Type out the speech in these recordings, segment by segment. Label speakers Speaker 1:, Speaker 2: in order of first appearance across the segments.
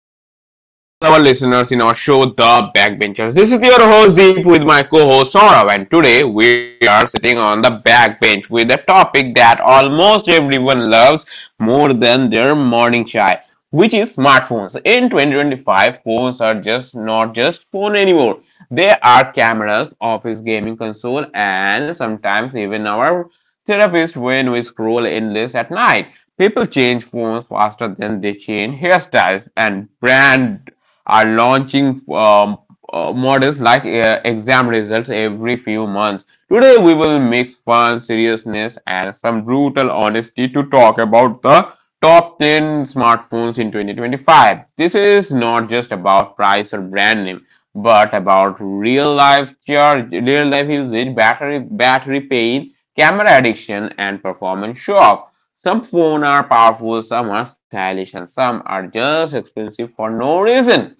Speaker 1: welcome back to all our listeners in our show, The Backbenchers. This is your host Deep with my co-host Saurav, and today we are sitting on the backbench with a topic that almost everyone loves more than their morning chai, which is smartphones. In 2025, phones are just not just phone anymore. They are cameras, office gaming console, and sometimes even our therapist when we scroll endless at night. People change phones faster than they change hairstyles and brand are launching models like exam results every few months. Today, we will mix fun, seriousness, and some brutal honesty to talk about the top 10 smartphones in 2025. This is not just about price or brand name, but about real life charge, real life usage, battery pain, camera addiction, and performance shock. Some phones are powerful, some are stylish, and some are just expensive for no reason.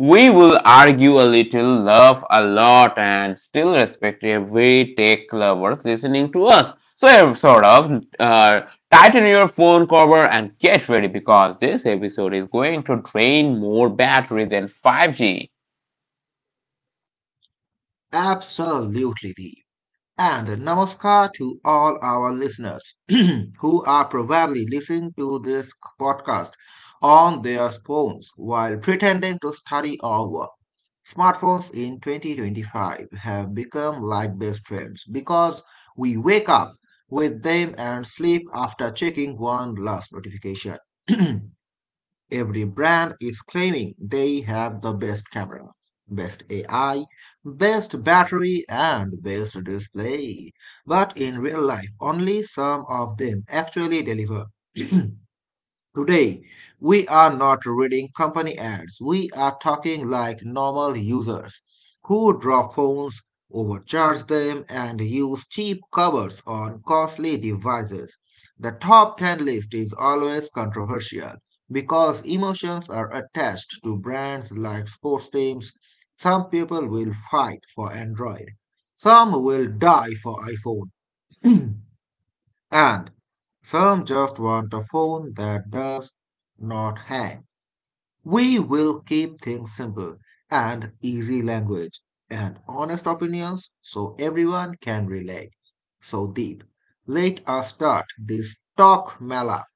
Speaker 1: We will argue a little, laugh a lot, and still respectively, every tech lovers listening to us. So, tighten your phone cover and get ready because this episode is going to drain more battery than 5G.
Speaker 2: Absolutely deep. And namaskar to all our listeners who are probably listening to this podcast on their phones while pretending to study or work. Smartphones in 2025 have become like best friends because we wake up with them and sleep after checking one last notification. Every brand is claiming they have the best camera, best AI, best battery, and best display. But in real life, only some of them actually deliver. Today, we are not reading company ads. We are talking like normal users who drop phones, overcharge them, and use cheap covers on costly devices. The top 10 list is always controversial because emotions are attached to brands like sports teams. Some people will fight for Android, some will die for iPhone. And some just want a phone that does not hang. We will keep things simple and easy language and honest opinions so everyone can relate. So, Deep, let us start this talk mela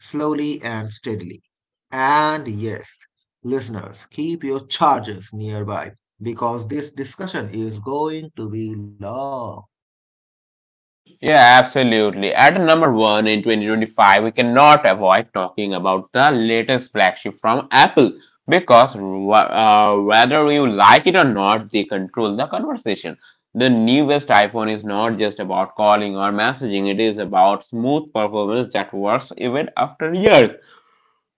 Speaker 2: slowly and steadily. And yes, listeners, keep your charges nearby because this discussion is going to be long.
Speaker 1: Yeah, absolutely. At number one in 2025, we cannot avoid talking about the latest flagship from Apple because whether you like it or not, they control the conversation. The newest iPhone is not just about calling or messaging, it is about smooth performance that works even after years.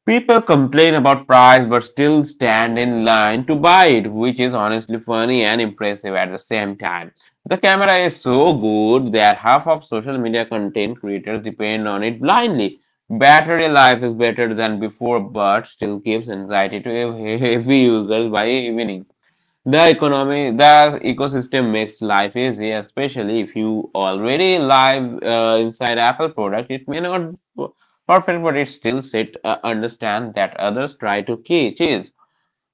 Speaker 1: People complain about price but still stand in line to buy it, which is honestly funny and impressive at the same time. The camera is so good that half of social media content creators depend on it blindly. Battery life is better than before but still gives anxiety to heavy users by evening. The economy, the ecosystem makes life easy, especially if you already live inside Apple product. It may not perfect, but it still sit understand that others try to key cheese.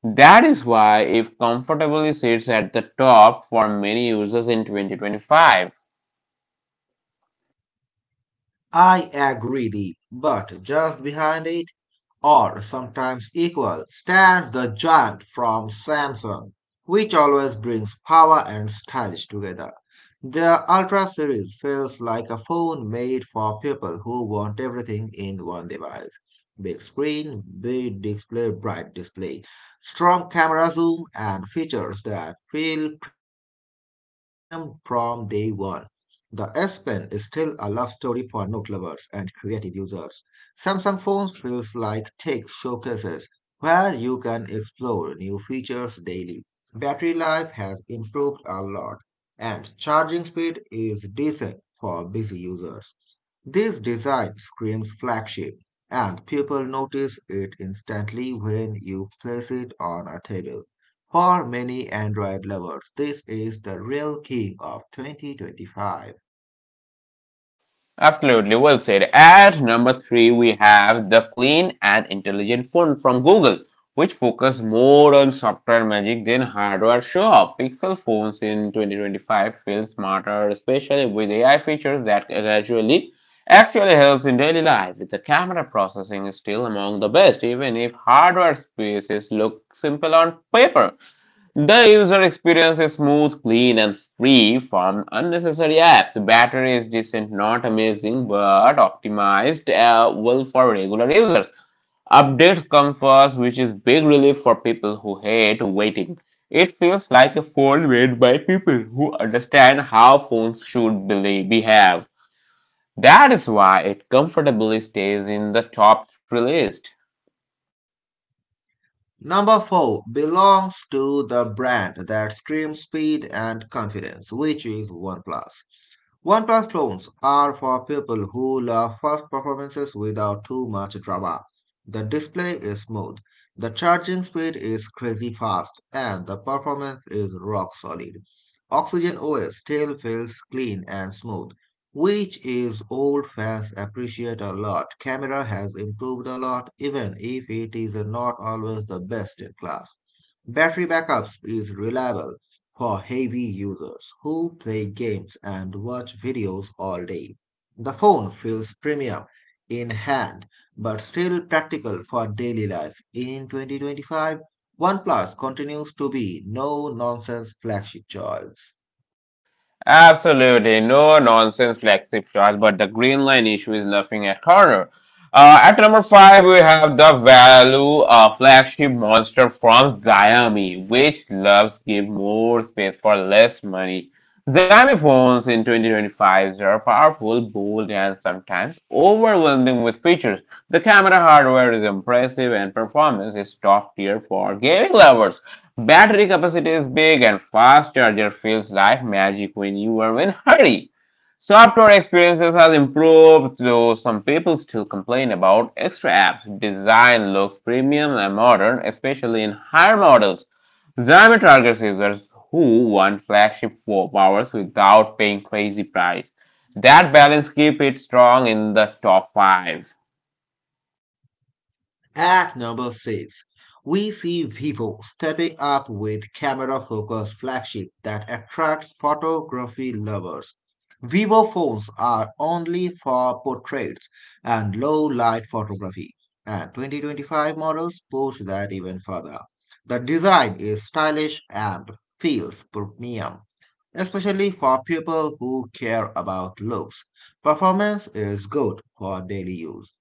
Speaker 1: That is why if comfortably sits at the top for many users in 2025.
Speaker 2: I agree, Deep, but just behind it or sometimes equal, stands the giant from Samsung, which always brings power and stylish together. Their Ultra series feels like a phone made for people who want everything in one device. Big screen, big display, bright display, strong camera zoom, and features that feel premium from day one. The S Pen is still a love story for note lovers and creative users. Samsung phones feels like tech showcases where you can explore new features daily. Battery life has improved a lot and charging speed is decent for busy users. This design screams flagship and people notice it instantly when you place it on a table. For many Android lovers, this is the real king of 2025.
Speaker 1: Absolutely, well said. At number three, we have the clean and intelligent phone from Google, which focus more on software magic than hardware show-off. Pixel phones in 2025 feel smarter, especially with AI features that gradually actually helps in daily life. With the camera processing is still among the best, even if hardware spaces look simple on paper. The user experience is smooth, clean, and free from unnecessary apps. The battery is decent, not amazing, but optimized well for regular users. Updates come first, which is big relief for people who hate waiting. It feels like a phone made by people who understand how phones should be behave. That is why it comfortably stays in the top three list.
Speaker 2: Number four belongs to the brand that screams speed and confidence, which is OnePlus. One platforms are for people who love fast performances without too much drama. The display is smooth, the charging speed is crazy fast, and the performance is rock solid. Oxygen OS still feels clean and smooth, which is old fans appreciate a lot. Camera has improved a lot, even if it is not always the best in class. Battery backups is reliable for heavy users who play games and watch videos all day. The phone feels premium in hand but still practical for daily life. In 2025, OnePlus continues to be no nonsense flagship choice.
Speaker 1: Absolutely, no nonsense flagship shots, but the green line issue is nothing at corner. At number five, we have the value flagship monster from Xiaomi, which loves give more space for less money. Xiaomi phones in 2025 are powerful, bold, and sometimes overwhelming with features. The camera hardware is impressive, and performance is top tier for gaming lovers. Battery capacity is big and fast charger feels like magic when you are in a hurry. Software experiences has improved, though some people still complain about extra apps. Design looks premium and modern, especially in higher models. Xiaomi targets users who want flagship for powers without paying crazy price. That balance keep it strong in the top 5.
Speaker 2: At number 6, we see Vivo stepping up with camera focused flagship that attracts photography lovers. Vivo phones are only for portraits and low light photography, and 2025 models push that even further. The design is stylish and feels premium, especially for people who care about looks. Performance is good for daily use.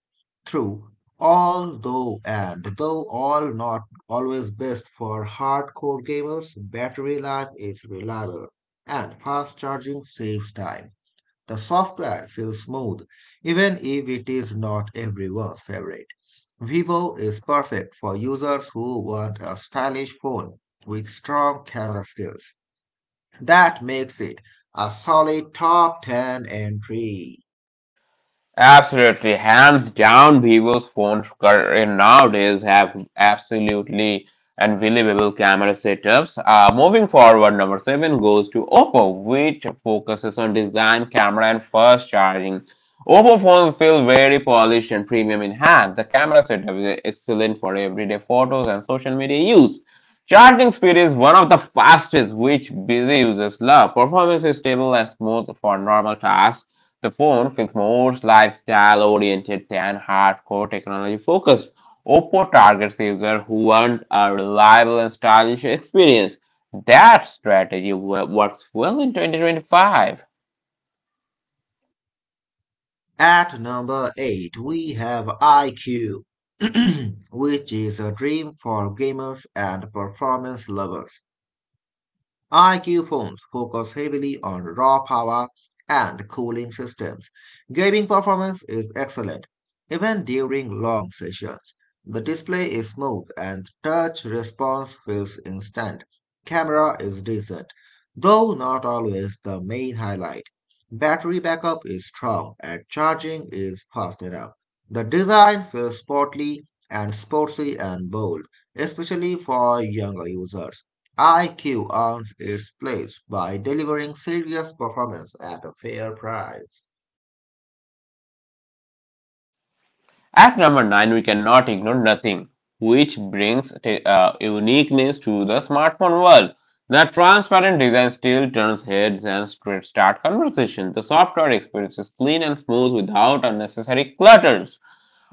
Speaker 2: True. Although and though all not always best for hardcore gamers, battery life is reliable and fast charging saves time. The software feels smooth, even if it is not everyone's favorite. Vivo is perfect for users who want a stylish phone with strong camera skills. That makes it a solid top 10 entry.
Speaker 1: Absolutely, hands down, Vivo's phones nowadays have absolutely unbelievable camera setups. Moving forward, number seven goes to Oppo, which focuses on design, camera, and fast charging. Oppo phones feel very polished and premium in hand. The camera setup is excellent for everyday photos and social media use. Charging speed is one of the fastest, which busy users love. Performance is stable and smooth for normal tasks. The forms is more lifestyle-oriented than hardcore technology-focused. Oppo targets users who want a reliable and stylish experience. That strategy works well in 2025.
Speaker 2: At number 8, we have IQ, which is a dream for gamers and performance lovers. IQ phones focus heavily on raw power and cooling systems. Gaming performance is excellent, even during long sessions. The display is smooth and touch response feels instant. Camera is decent, though not always the main highlight. Battery backup is strong and charging is fast enough. The design feels sporty and sportsy and bold, especially for younger users. IQ earns its place by delivering serious performance at a fair price.
Speaker 1: At number 9, we cannot ignore nothing, which brings uniqueness to the smartphone world. The transparent design still turns heads and start conversation. The software experience is clean and smooth without unnecessary clutters.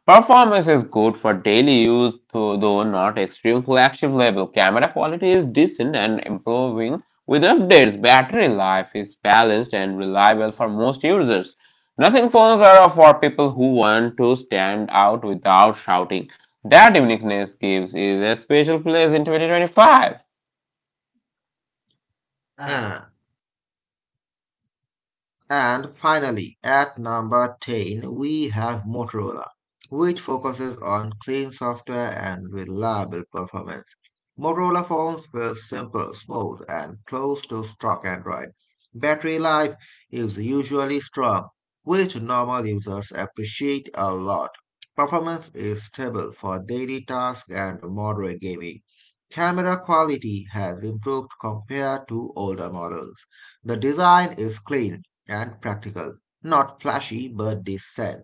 Speaker 1: Performance is good for daily use, though not extreme flagship level. Camera quality is decent and improving with updates. Battery life is balanced and reliable for most users. Nothing phones are for people who want to stand out without shouting. That uniqueness gives it a special place in 2025.
Speaker 2: And And finally, at number 10, we have Motorola, which focuses on clean software and reliable performance. Motorola phones were simple, smooth, and close to stock Android. Battery life is usually strong, which normal users appreciate a lot. Performance is stable for daily tasks and moderate gaming. Camera quality has improved compared to older models. The design is clean and practical, not flashy but decent.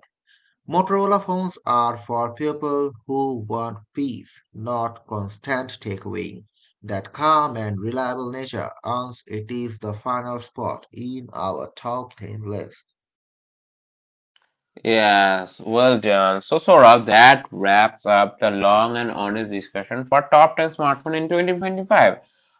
Speaker 2: Motorola phones are for people who want peace, not constant takeaway. That calm and reliable nature earns it is the final spot in our top 10 list.
Speaker 1: Yes, well done. So, Saurabh, that wraps up the long and honest discussion for top 10 smartphone in 2025.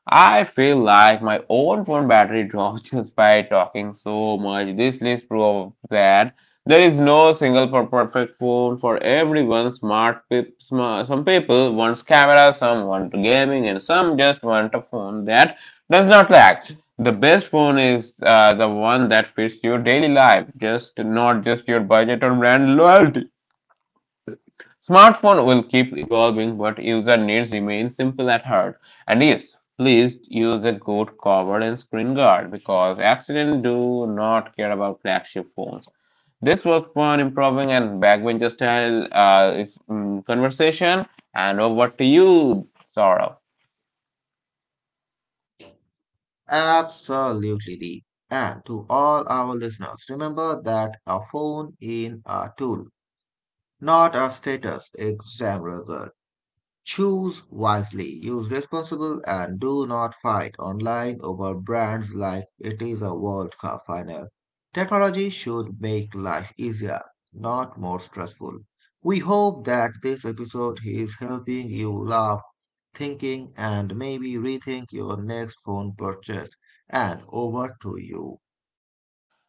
Speaker 1: I feel like my own phone battery dropped just by talking so much. This list proves that there is no single perfect phone for everyone. Some people want camera, some want gaming, and some just want a phone that does not lag. The best one is the one that fits your daily life, just not just your budget or brand loyalty. Smartphone will keep evolving, but user needs remain simple at heart. And yes, please use a good cover and screen guard because accidents do not care about flagship phones. This was fun, improving and backbencher style if, mm, conversation. And over to you, Saurabh.
Speaker 2: Absolutely. Dee. And to all our listeners, remember that a phone is a tool, not a status exam result. Choose wisely, use responsible, and do not fight online over brands like it is a World Cup final. Technology should make life easier, not more stressful. We hope that this episode is helping you laugh, thinking, and maybe rethink your next phone purchase. And over to you.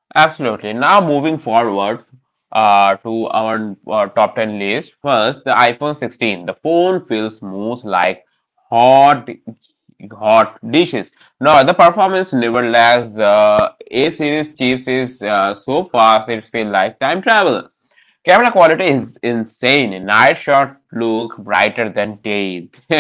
Speaker 1: Absolutely. Now moving forward to our top 10 list. First, the iPhone 16. The phone feels most like hot hot dishes. Now, the performance never lags. The A series chips is so fast it feels like time travel. Camera quality is insane. Night shot look brighter than day.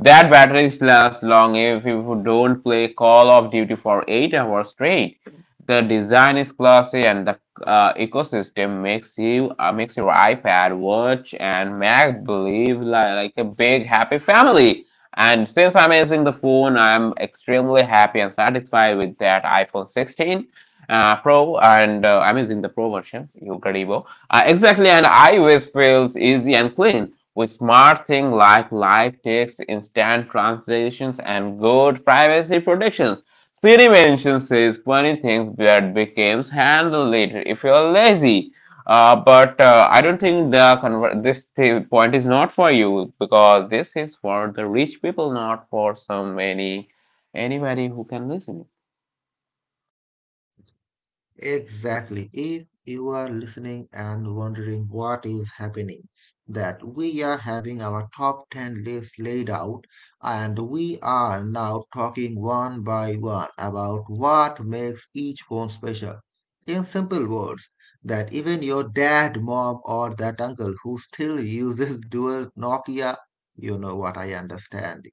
Speaker 1: That battery lasts long if you don't play Call of Duty for 8 hours straight. The design is classy and the ecosystem makes your iPad, watch, and Mac believe like a big happy family. And since I'm using the phone, I'm extremely happy and satisfied with that iPhone 16 Pro, and I'm using the Pro version, incredible. Exactly, and iOS feels easy and clean with smart things like live text, instant translations, and good privacy protections. Siri mentions says funny things that becomes handled later if you're lazy. But I don't think the conver- this th- point is not for you because this is for the rich people, not for so many anybody who can listen.
Speaker 2: Exactly. If you are listening and wondering what is happening, that we are having our top 10 list laid out and we are now talking one by one about what makes each one special. In simple words, that even your dad, mom, or that uncle who still uses dual Nokia, you know what I understand.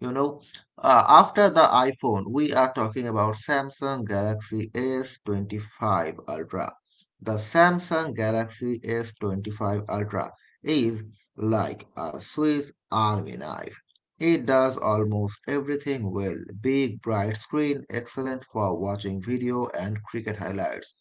Speaker 2: You know, after the iPhone, we are talking about Samsung Galaxy S25 Ultra. The Samsung Galaxy S25 Ultra is like a Swiss Army knife. It does almost everything well. Big bright screen, excellent for watching video and cricket highlights.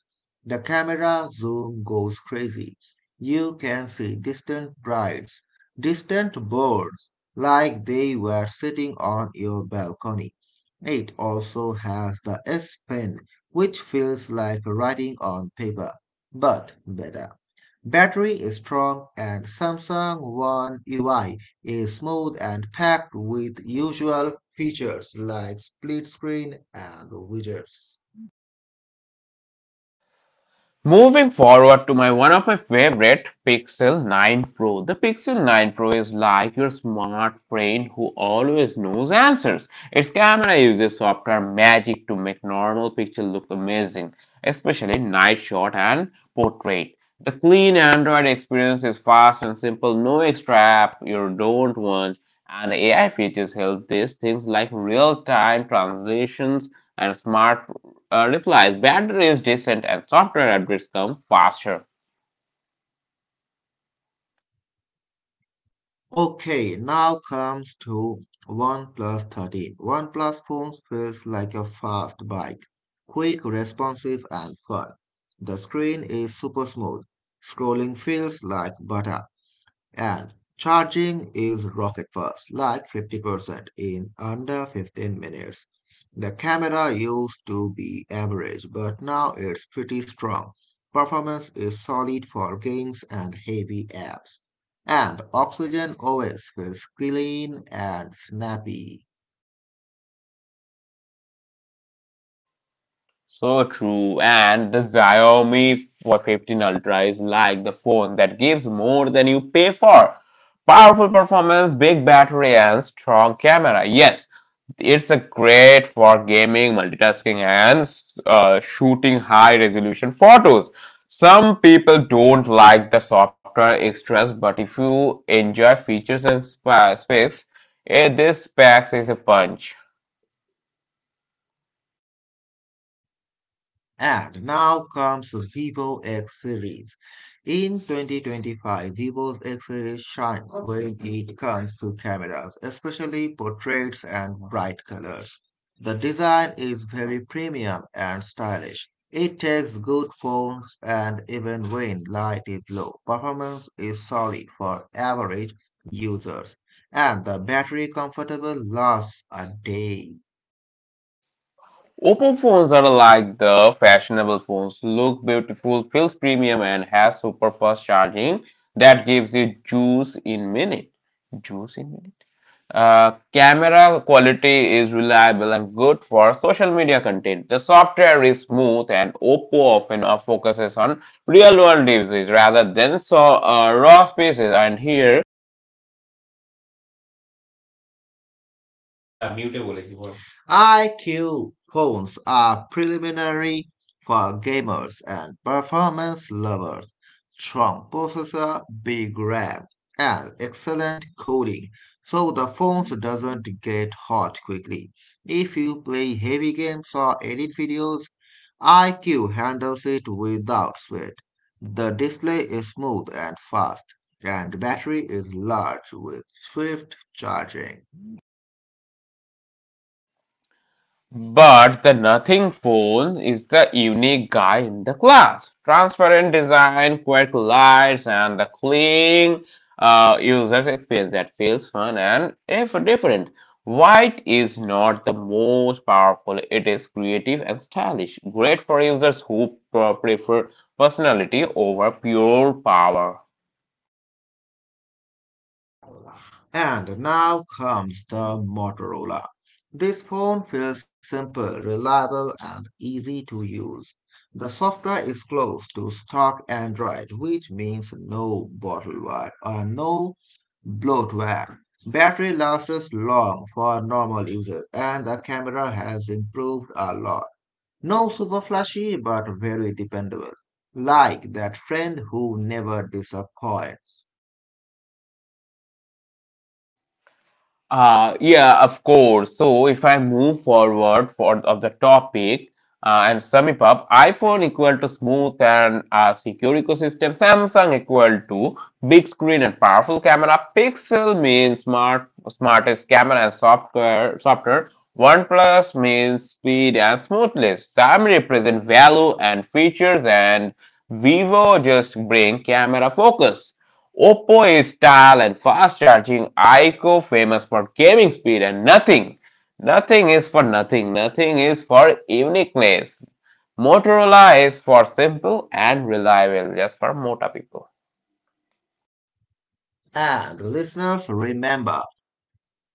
Speaker 2: The camera zoom goes crazy. You can see distant brides, distant birds, like they were sitting on your balcony. It also has the S Pen, which feels like writing on paper, but better. Battery is strong and Samsung One UI is smooth and packed with usual features like split screen and widgets.
Speaker 1: Moving forward to my one of my favorite Pixel 9 Pro. The Pixel 9 Pro is like your smart friend who always knows answers. Its camera uses software magic to make normal picture look amazing, especially night shot and portrait. The clean Android experience is fast and simple, no extra app you don't want, and AI features help this things like real-time translations and smart replies, battery is decent and software updates come faster.
Speaker 2: Okay, now comes to OnePlus 30. OnePlus phone feels like a fast bike, quick, responsive, and fun. The screen is super smooth. Scrolling feels like butter. And charging is rocket fast, like 50% in under 15 minutes. The camera used to be average, but now it's pretty strong. Performance is solid for games and heavy apps. And Oxygen OS feels clean and snappy.
Speaker 1: So true. And the Xiaomi 15 Ultra is like the phone that gives more than you pay for. Powerful performance, big battery, and strong camera. Yes, it's a great for gaming, multitasking, and shooting high resolution photos. Some people don't like the software extras, but if you enjoy features and specs, this specs is a punch.
Speaker 2: And now comes Vivo X series. In 2025, Vivo's X series shines when it comes to cameras, especially portraits and bright colors. The design is very premium and stylish. It takes good phones and even when light is low, performance is solid for average users, and the battery comfortable lasts a day.
Speaker 1: Oppo phones are like the fashionable phones, look beautiful, feels premium, and has super fast charging that gives you juice in minute. Juice in minute. Camera quality is reliable and good for social media content. The software is smooth, and Oppo often focuses on real-world uses rather than raw spaces. And here
Speaker 2: হ্যাঁ মিউটে বলেছি বল IQ phones are preliminary for gamers and performance lovers. Strong processor, big RAM, and excellent cooling, so the phones doesn't get hot quickly. If you play heavy games or edit videos, IQ handles it without sweat. The display is smooth and fast, and battery is large with swift charging.
Speaker 1: but the nothing phone is the unique guy in the class. Transparent design, quick lights, and the clean user's experience that feels fun and if different. White is not the most powerful, it is creative and stylish. Great for users who prefer personality over pure power.
Speaker 2: And now comes the Motorola. This phone feels simple, reliable, and easy to use. The software is close to stock Android, which means no bottleware or no bloatware. Battery lasts long for normal users, and the camera has improved a lot. No super flashy, but very dependable. Like that friend who never disappoints.
Speaker 1: Yeah, of course. So if I move forward for of the topic and sum it up, iPhone equal to smooth and secure ecosystem. Samsung equal to big screen and powerful camera. Pixel means smart, smartest camera and software. Software. OnePlus means speed and smoothness. Xiaomi represent value and features, and Vivo just bring camera focus. Oppo is style and fast charging, iQOO famous for gaming speed and nothing. Nothing is for nothing, nothing is for uniqueness. Motorola is for simple and reliable, just for Mota people.
Speaker 2: And listeners, remember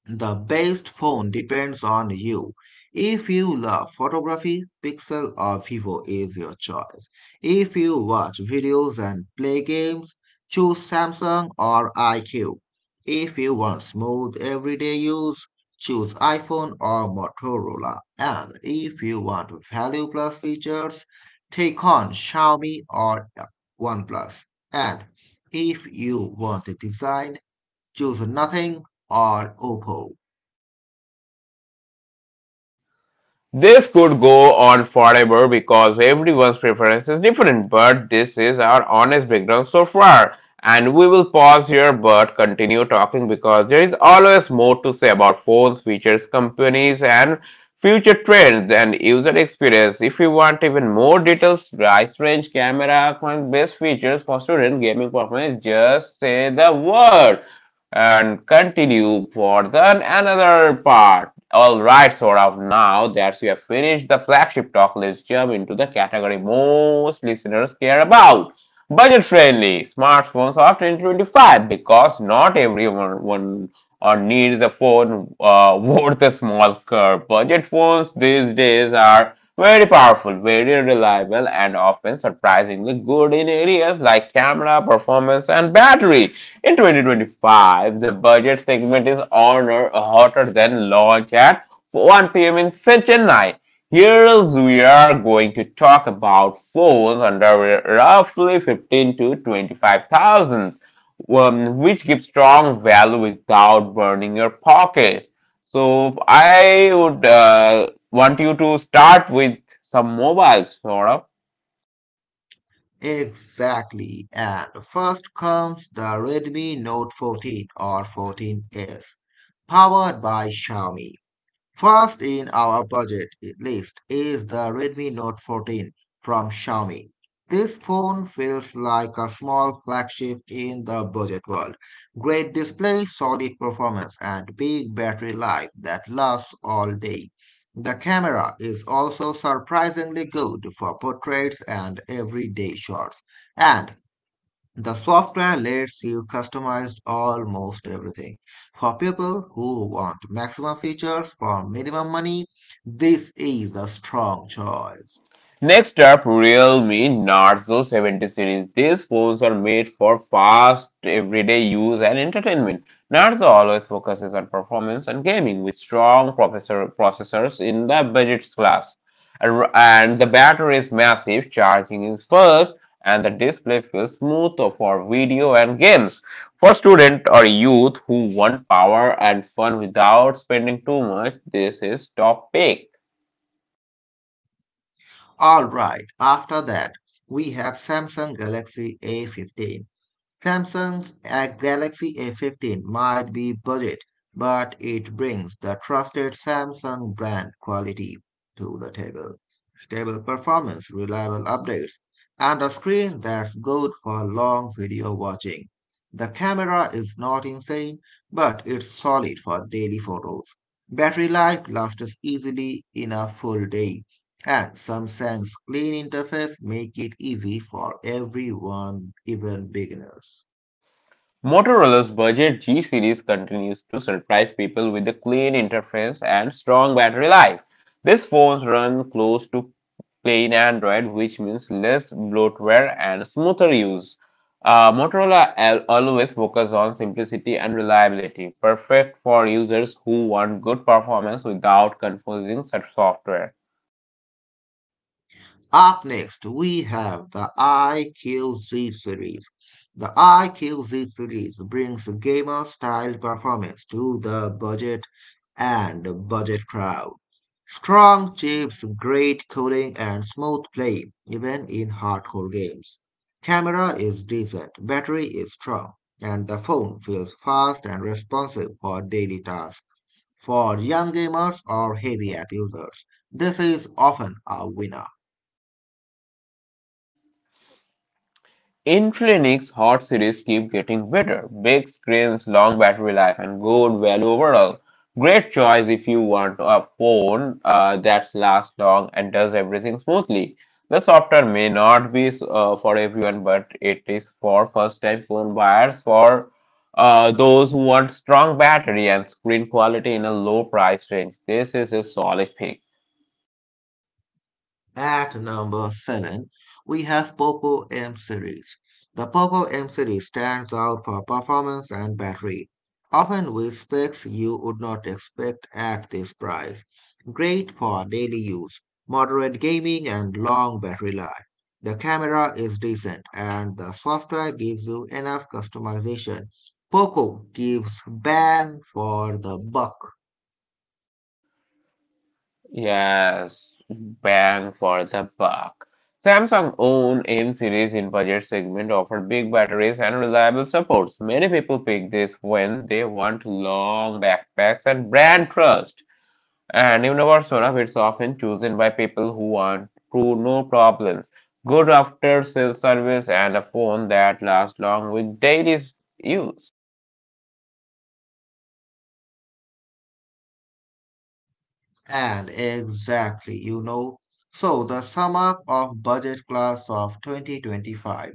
Speaker 2: the best phone depends on you. If you love photography, Pixel or Vivo is your choice. If you watch videos and play games, choose Samsung or iQ. If you want smooth everyday use, choose iPhone or Motorola. And if you want value plus features, take on Xiaomi or OnePlus. And if you want design, choose nothing or Oppo.
Speaker 1: This could go on forever because everyone's preference is different, but this is our honest background so far. And we will pause here but continue talking because there is always more to say about phones, features, companies, and future trends and user experience. If you want even more details, price range, camera, best features for student gaming performance, just say the word and continue for the another part. All right, Saurabh, now that we have finished the flagship talk, let's jump into the category most listeners care about. Budget friendly smartphones after 2025 because not everyone one, or needs a phone, worth a small curve. Budget phones these days are very powerful, very reliable, and often surprisingly good in areas like camera, performance, and battery. In 2025, the budget segment is honor hotter than launch at 1 p.m. in Chennai. Here is we are going to talk about phones under roughly 15 to 25 thousand, which give strong value without burning your pocket. So I would want you to start with some mobiles, sort of.
Speaker 2: Exactly. And first comes the Redmi Note 14 or 14S, powered by Xiaomi. First in our budget list is the Redmi Note 14 from Xiaomi. This phone feels like a small flagship in the budget world. Great display, solid performance, and big battery life that lasts all day. The camera is also surprisingly good for portraits and everyday shots. And the software lets you customize almost everything. For people who want maximum features for minimum money, this is a strong choice.
Speaker 1: Next up, Realme Narzo 70 series. These phones are made for fast, everyday use and entertainment. Narzo always focuses on performance and gaming with strong processors in the budget class. And the battery is massive, charging is fast, and the display feels smooth for video and games. For students or youth who want power and fun without spending too much, this is top pick.
Speaker 2: Alright, after that, we have Samsung Galaxy A15. Samsung's Galaxy A15 might be budget, but it brings the trusted Samsung brand quality to the table. Stable performance, reliable updates, and a screen that's good for long video watching. The camera is not insane, but it's solid for daily photos. Battery life lasts easily in a full day, and Samsung's clean interface makes it easy for everyone, even beginners.
Speaker 1: Motorola's budget G series continues to surprise people with a clean interface and strong battery life. These phones run close to plain Android, which means less bloatware and smoother use. Motorola always focuses on simplicity and reliability, perfect for users who want good performance without confusing software.
Speaker 2: Up next, we have the IQZ series. The IQZ series brings gamer style performance to the budget crowd. Strong chips, great cooling, and smooth play, even in hardcore games. Camera is decent, battery is strong, and the phone feels fast and responsive for daily tasks. For young gamers or heavy app users, this is often a winner.
Speaker 1: Infinix Hot series keep getting better. Big screens, long battery life, and good value overall. Great choice if you want a phone that lasts long and does everything smoothly. The software may not be for everyone, but it is for first-time phone buyers, for those who want strong battery and screen quality in a low price range. This is a solid pick.
Speaker 2: At number 7, we have POCO M series. The POCO M series stands out for performance and battery, often with specs you would not expect at this price. Great for daily use, moderate gaming, and long battery life. The camera is decent, and the software gives you enough customization. POCO gives bang for the buck.
Speaker 1: Yes, bang for the buck. Samsung's own M series in budget segment offer big batteries and reliable supports. Many people pick this when they want long backpacks and brand trust. And even our Sonaf, it's often chosen by people who want true no problems, good after sales service, and a phone that lasts long with daily use.
Speaker 2: And exactly, you know. So, the sum up of budget class of 2025.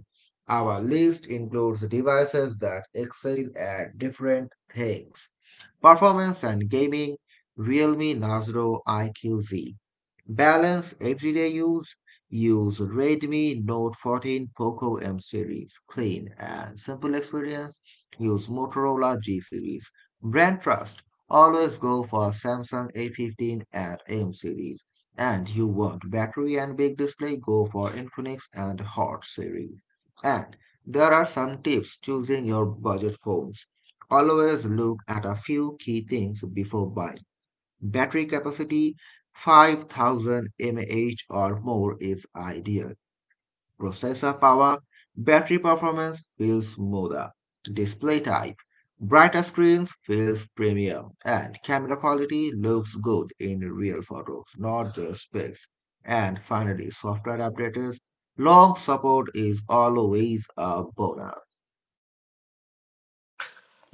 Speaker 2: Our list includes devices that excel at different things. Performance and gaming, Realme Nazro IQZ. Balance everyday use, use Redmi Note 14 Poco M series. Clean and simple experience, use Motorola G series. Brand trust, always go for Samsung A15 and M series. And you want battery and big display, go for Infinix and Hot series. And there are some tips choosing your budget phones. Always look at a few key things before buying. Battery capacity 5,000 mAh or more is ideal. Processor power, battery performance feels smoother. Display type, brighter screens feels premium, and camera quality looks good in real photos, not just specs. And finally, software updates. Long support is always a bonus.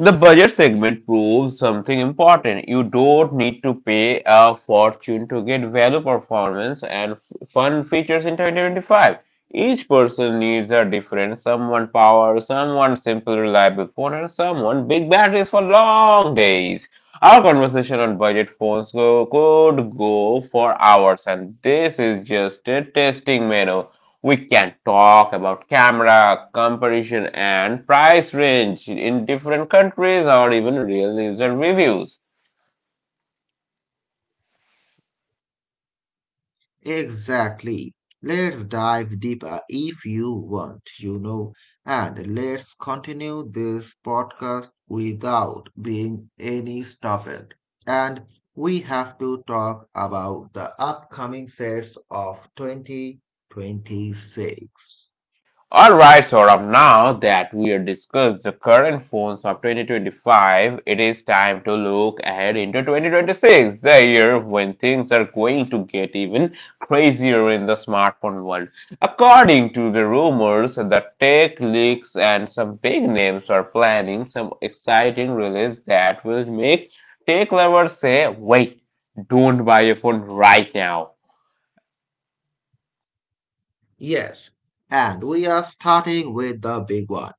Speaker 1: The budget segment proves something important. You don't need to pay a fortune to get value, performance, and fun features in 2025. Each person needs a different someone power, someone simple, reliable phone, and someone big batteries for long days. Our conversation on budget phones could go for hours, and this is just a testing menu. We can talk about camera comparison and price range in different countries or even real user reviews.
Speaker 2: Exactly. Let's dive deeper if you want, and let's continue this podcast without being any stopped. And we have to talk about the upcoming sets of 2026.
Speaker 1: Alright, Saurabh, now that we have discussed the current phones of 2025, it is time to look ahead into 2026, the year when things are going to get even crazier in the smartphone world. According to the rumors, the tech leaks and some big names are planning some exciting release that will make tech lovers say, wait, don't buy a phone right now.
Speaker 2: Yes, and we are starting with the big one.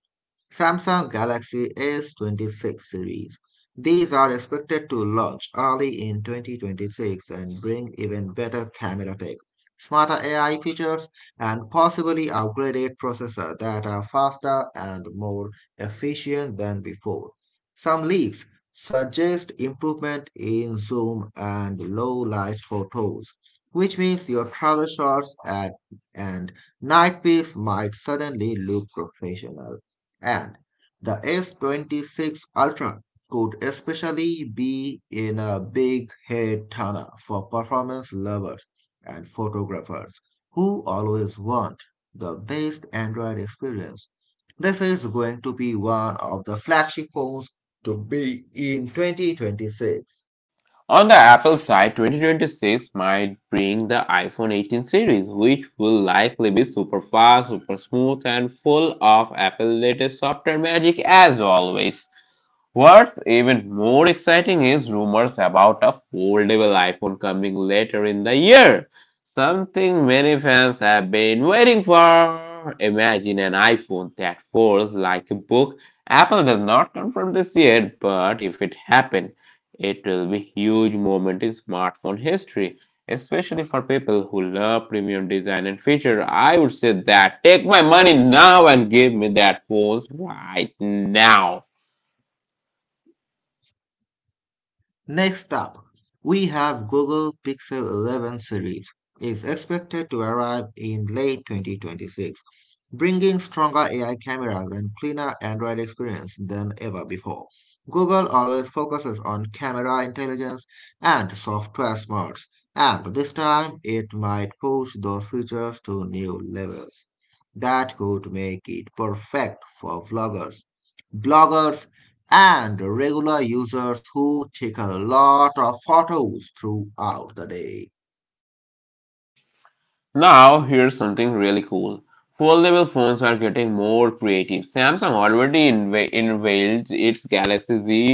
Speaker 2: Samsung Galaxy S26 series. These are expected to launch early in 2026 and bring even better camera tech, smarter AI features, and possibly upgraded processor that are faster and more efficient than before. Some leaks suggest improvement in zoom and low light photos, which means your travel shots at and night pics might suddenly look professional. And the S26 Ultra could especially be in a big head turner for performance lovers and photographers who always want the best Android experience. This is going to be one of the flagship phones to be in 2026.
Speaker 1: On the Apple side, 2026 might bring the iPhone 18 series, which will likely be super fast, super smooth, and full of Apple's latest software magic as always. What's even more exciting is rumors about a foldable iPhone coming later in the year. Something many fans have been waiting for. Imagine an iPhone that folds like a book. Apple does not confirm this yet, but if it happens, it will be huge moment in smartphone history, especially for people who love premium design and feature. I would say that take my money now and give me that phone right now.
Speaker 2: Next up, we have Google Pixel 11 series is expected to arrive in late 2026, bringing stronger AI cameras and cleaner Android experience than ever before. Google always focuses on camera intelligence and software smarts, and this time it might push those features to new levels that could make it perfect for vloggers bloggers and regular users who take a lot of photos throughout the day.
Speaker 1: Now, here's something really cool. Foldable phones are getting more creative. Samsung already unveiled its Galaxy Z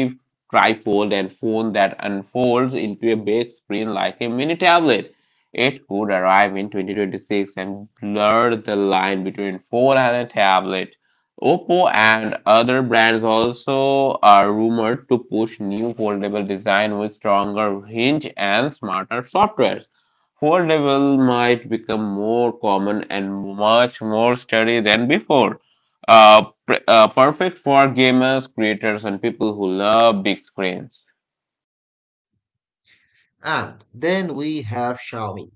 Speaker 1: trifold and phone that unfolds into a big screen like a mini tablet. It could arrive in 2026 and blur the line between phone and a tablet. Oppo and other brands also are rumored to push new foldable design with stronger hinge and smarter software. Fold level might become more common and much more studied than before. Perfect for gamers, creators, and people who love big screens.
Speaker 2: And then we have Xiaomi.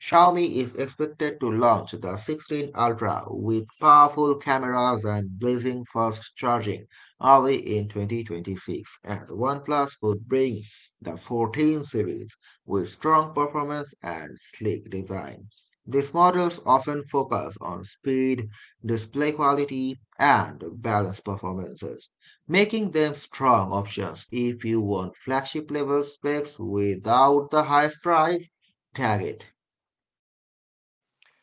Speaker 2: Xiaomi is expected to launch the 16 Ultra with powerful cameras and blazing fast charging early in 2026, and OnePlus could bring the 14 series with strong performance and sleek design. These models often focus on speed, display quality, and balanced performances, making them strong options if you want flagship level specs without the highest price tag it.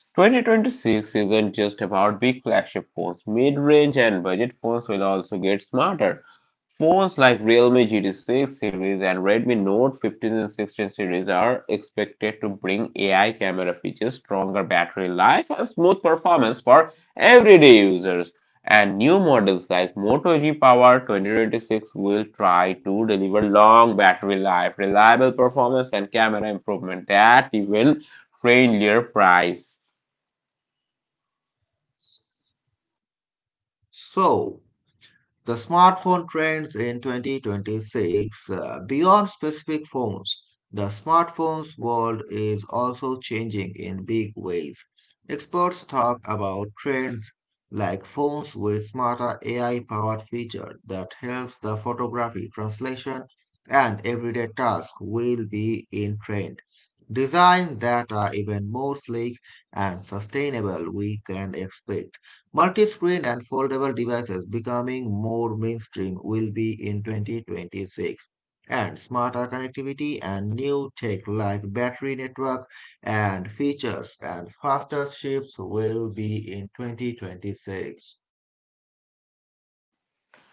Speaker 1: 2026 isn't just about big flagship phones. Mid-range and budget phones will also get smarter. Phones like Realme GT6 series and Redmi Note 15 and 16 series are expected to bring AI camera features, stronger battery life, and smooth performance for everyday users. And new models like Moto G Power 2026 will try to deliver long battery life, reliable performance, and camera improvement at even friendlier price.
Speaker 2: So, the smartphone trends in 2026, beyond specific phones, the smartphones world is also changing in big ways. Experts talk about trends like phones with smarter AI-powered feature that helps the photography, translation, and everyday tasks will be in trend. Design that are even more sleek and sustainable we can expect. Multi-screen and foldable devices becoming more mainstream will be in 2026, and smarter connectivity and new tech like battery network and features and faster ships will be in 2026.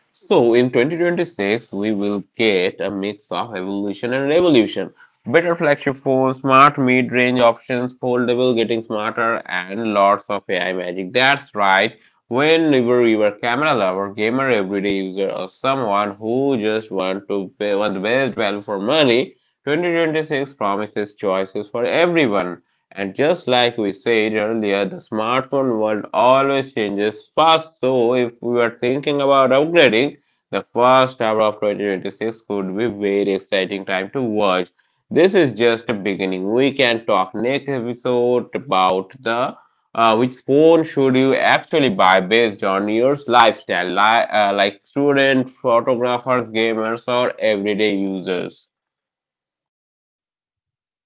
Speaker 1: So in 2026, we will get a mix of evolution and revolution. Better flagship phones, smart mid-range options, foldable, getting smarter, and lots of AI magic. That's right. Whenever you are a camera lover, gamer, everyday user, or someone who just want to pay want the best value for money, 2026 promises choices for everyone. And just like we said earlier, the smartphone world always changes fast. So, if we are thinking about upgrading, the first hour of 2026 could be very exciting time to watch. This is just a beginning. We can talk next episode about the which phone should you actually buy based on your lifestyle, like student, photographers, gamers, or everyday users.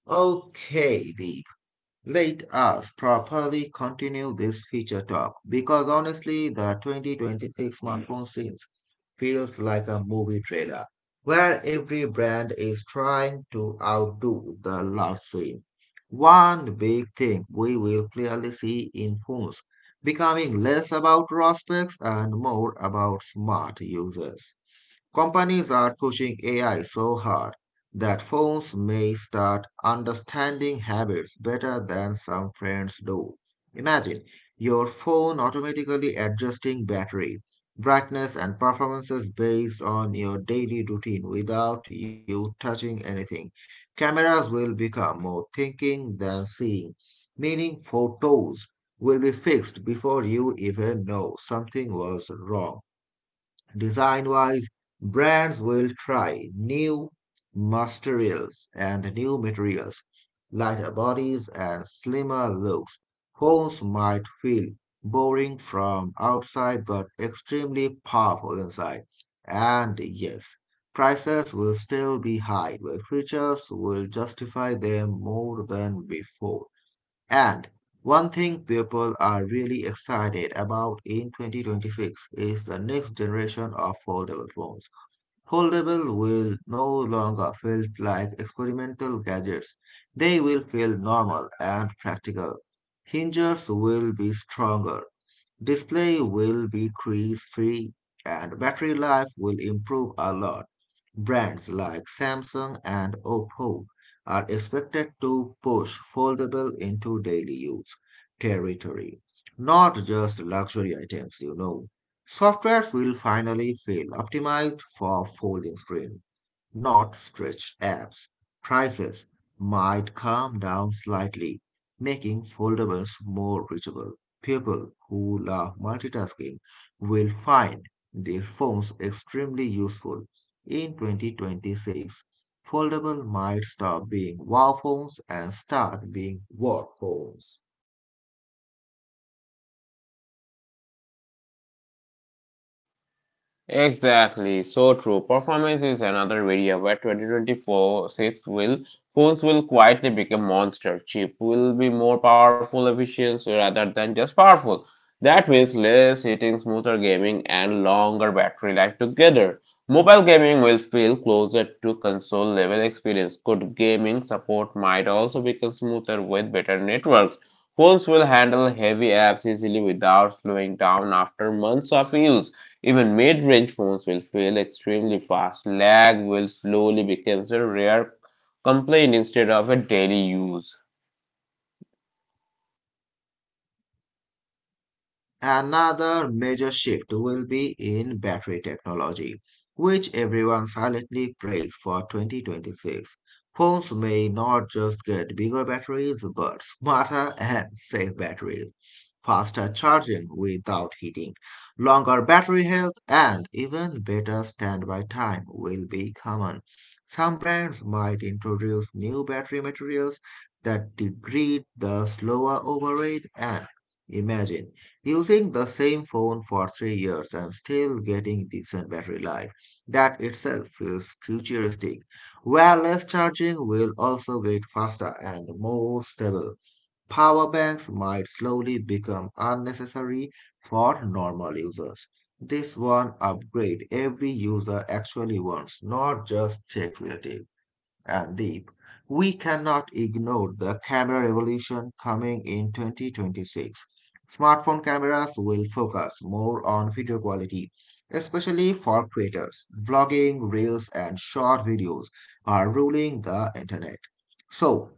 Speaker 2: Okay, Deep. Let us properly continue this feature talk because honestly, the 2026 smartphone scene feels like a movie trailer where every brand is trying to outdo the last scene. One big thing we will clearly see in phones becoming less about raw specs and more about smart users. Companies are pushing AI so hard that phones may start understanding habits better than some friends do. Imagine your phone automatically adjusting battery, brightness, and performances based on your daily routine without you touching anything. Cameras will become more thinking than seeing, meaning photos will be fixed before you even know something was wrong. Design wise, brands will try new materials and new materials, lighter bodies and slimmer looks. Phones might feel boring from outside but extremely powerful inside. And yes, prices will still be high, but features will justify them more than before. And one thing people are really excited about in 2026 is the next generation of foldable phones. Foldable will no longer feel like experimental gadgets. They will feel normal and practical. Hinges will be stronger. Display will be crease free and battery life will improve a lot. Brands like Samsung and Oppo are expected to push foldable into daily use territory, not just luxury items. Softwares will finally feel optimized for folding screen not stretched apps, prices might come down slightly, making foldables more reachable. People who love multitasking will find these phones extremely useful. In 2026, foldable might stop being wow phones and start being work phones.
Speaker 1: Exactly, so true. Performance is another area where 2024-6 will phones will quietly become monster. Chip will be more powerful efficient rather than just powerful. That means less heating, smoother gaming, and longer battery life together. Mobile gaming will feel closer to console level experience. Good gaming support might also become smoother with better networks. Phones will handle heavy apps easily without slowing down after months of use. Even mid-range phones will fail extremely fast. Lag will slowly become a rare complaint instead of a daily use.
Speaker 2: Another major shift will be in battery technology, which everyone silently prays for 2026. Phones may not just get bigger batteries, but smarter and safe batteries, faster charging without heating, longer battery health, and even better standby time will be common. Some brands might introduce new battery materials that degrade the slower overrate and imagine using the same phone for 3 years and still getting decent battery life, that itself feels futuristic. Wireless charging will also get faster and more stable. Power banks might slowly become unnecessary for normal users. This one upgrade every user actually wants, not just tech related and deep, we cannot ignore the camera revolution coming in 2026. Smartphone cameras will focus more on video quality, especially for creators. Vlogging, reels, and short videos are ruling the internet. So,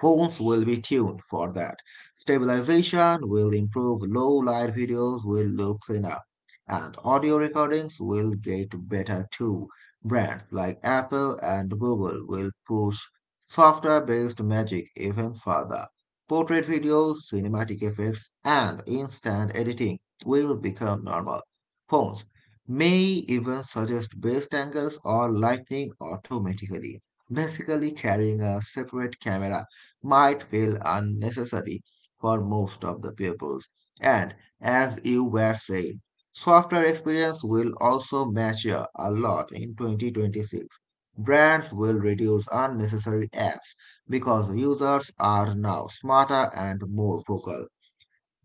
Speaker 2: phones will be tuned for that. Stabilization will improve, low light videos will look cleaner, and audio recordings will get better too. Brands like Apple and Google will push software based magic even further. Portrait videos, cinematic effects, and instant editing will become normal. Phones may even suggest best angles or lighting automatically, basically carrying a separate camera might feel unnecessary for most of the pupils. And as you were saying, software experience will also mature a lot in 2026. Brands will reduce unnecessary apps because users are now smarter and more vocal.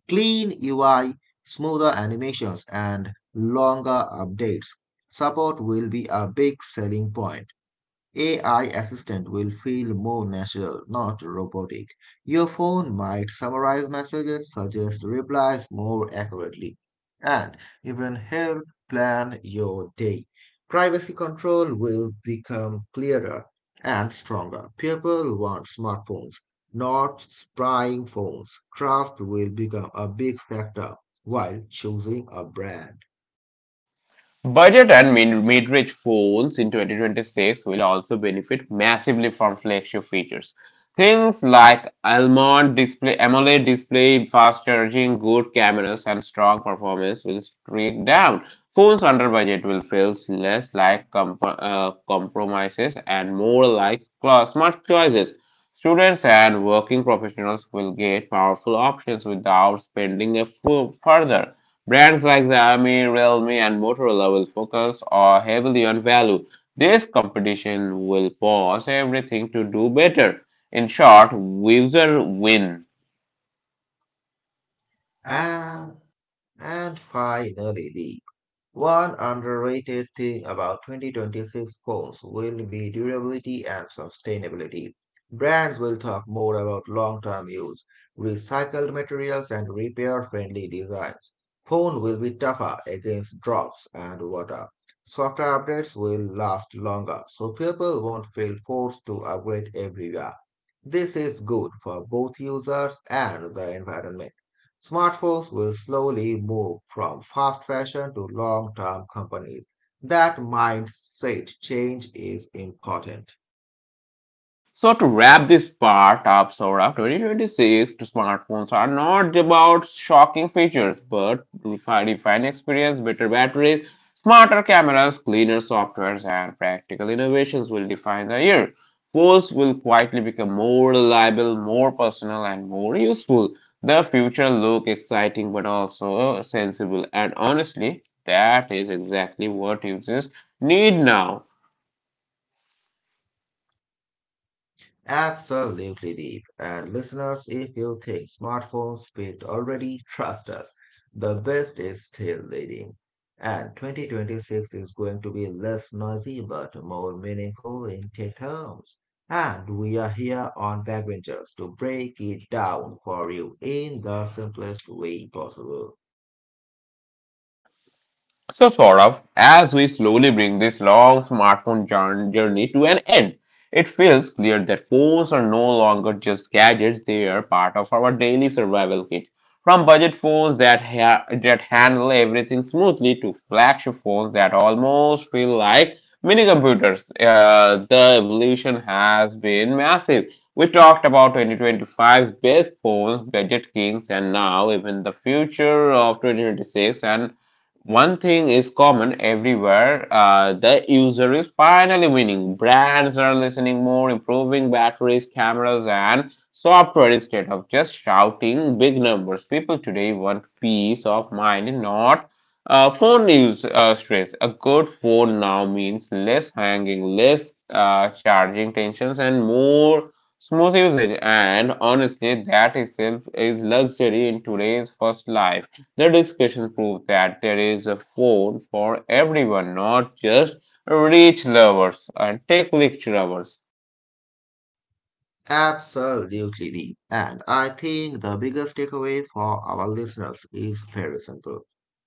Speaker 2: Clean UI, smoother animations, and longer updates. Support will be a big selling point. AI assistant will feel more natural, not robotic. Your phone might summarize messages, suggest replies more accurately, and even help plan your day. Privacy control will become clearer and stronger. People want smartphones, not spying phones. Trust will become a big factor while choosing a brand.
Speaker 1: Budget and mid- range phones in 2026 will also benefit massively from flagship features. Things like AMOLED display, fast charging, good cameras, and strong performance will streak down. Phones under budget will feel less like compromises and more like smart choices. Students and working professionals will get powerful options without spending a further. Brands like Xiaomi, Realme, and Motorola will focus heavily on value. This competition will force everything to do better. In short, user win.
Speaker 2: And, and finally, the one underrated thing about 2026 goals will be durability and sustainability. Brands will talk more about long term use, recycled materials, and repair friendly designs. Phone will be tougher against drops and water. Software updates will last longer, so people won't feel forced to upgrade every year. This is good for both users and the environment. Smartphones will slowly move from fast fashion to long-term companies. That mindset change is important.
Speaker 1: So to wrap this part up, Saurabh, 2026 smartphones are not about shocking features, but refined experience, better batteries, smarter cameras, cleaner softwares, and practical innovations will define the year. Phones will quietly become more reliable, more personal, and more useful. The future looks exciting, but also sensible. And honestly, that is exactly what users need now.
Speaker 2: Absolutely deep. And listeners, if you think smartphones peaked already, trust us. The best is still leading. And 2026 is going to be less noisy but more meaningful in tech terms. And we are here on Backbenchers to break it down for you in the simplest way possible.
Speaker 1: So, Saurabh, as we slowly bring this long smartphone journey to an end, it feels clear that phones are no longer just gadgets, they are part of our daily survival kit. From budget phones that handle everything smoothly to flagship phones that almost feel like mini computers, the evolution has been massive. We talked about 2025's best phones, budget kings, and now even the future of 2026 and one thing is common everywhere, the user is finally winning. Brands are listening more, improving batteries, cameras, and software instead of just shouting big numbers. People today want peace of mind, not phone news stress. A good phone now means less hanging, less charging tensions, and more smooth usage. And honestly, that itself is luxury in today's first life. The discussion proved that there is a phone for everyone, not just rich lovers and tech lecture lovers.
Speaker 2: Absolutely. And I think the biggest takeaway for our listeners is very simple.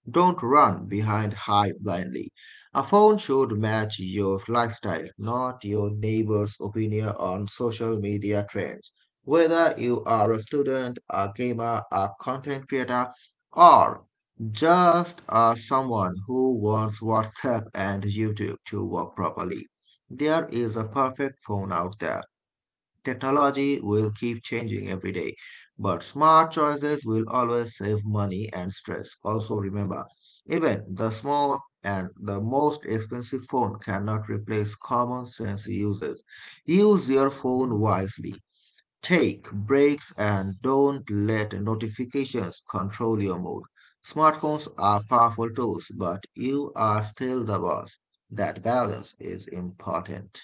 Speaker 2: Don't run behind hype blindly. A phone should match your lifestyle, not your neighbor's opinion on social media trends. Whether you are a student, a gamer, a content creator, or just someone who wants WhatsApp and YouTube to work properly, there is a perfect phone out there. Technology will keep changing every day, but smart choices will always save money and stress. Also, remember, even the small and the most expensive phone cannot replace common sense uses. Use your phone wisely. Take breaks and don't let notifications control your mood. Smartphones are powerful tools, but you are still the boss. That balance is important.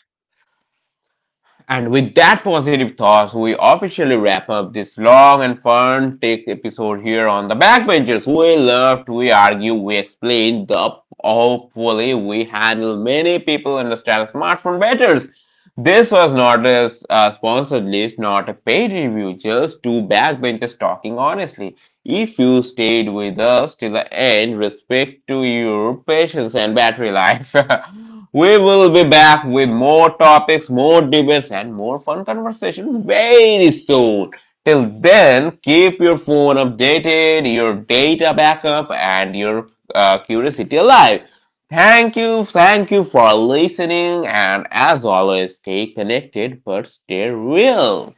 Speaker 1: And with that positive thoughts, we officially wrap up this long and fun tech episode here on the Backbenchers. We loved, we argue, we explain. The hopefully we handle many people understand smartphone better. This was not a sponsored list, not a paid review, just two backbenchers talking honestly. If you stayed with us till the end, respect to your patience and battery life. we will be back with more topics, more debates, and more fun conversation very soon. Till then, keep your phone updated, your data backup, and your curiosity alive. Thank you for listening, and as always, stay connected but stay real.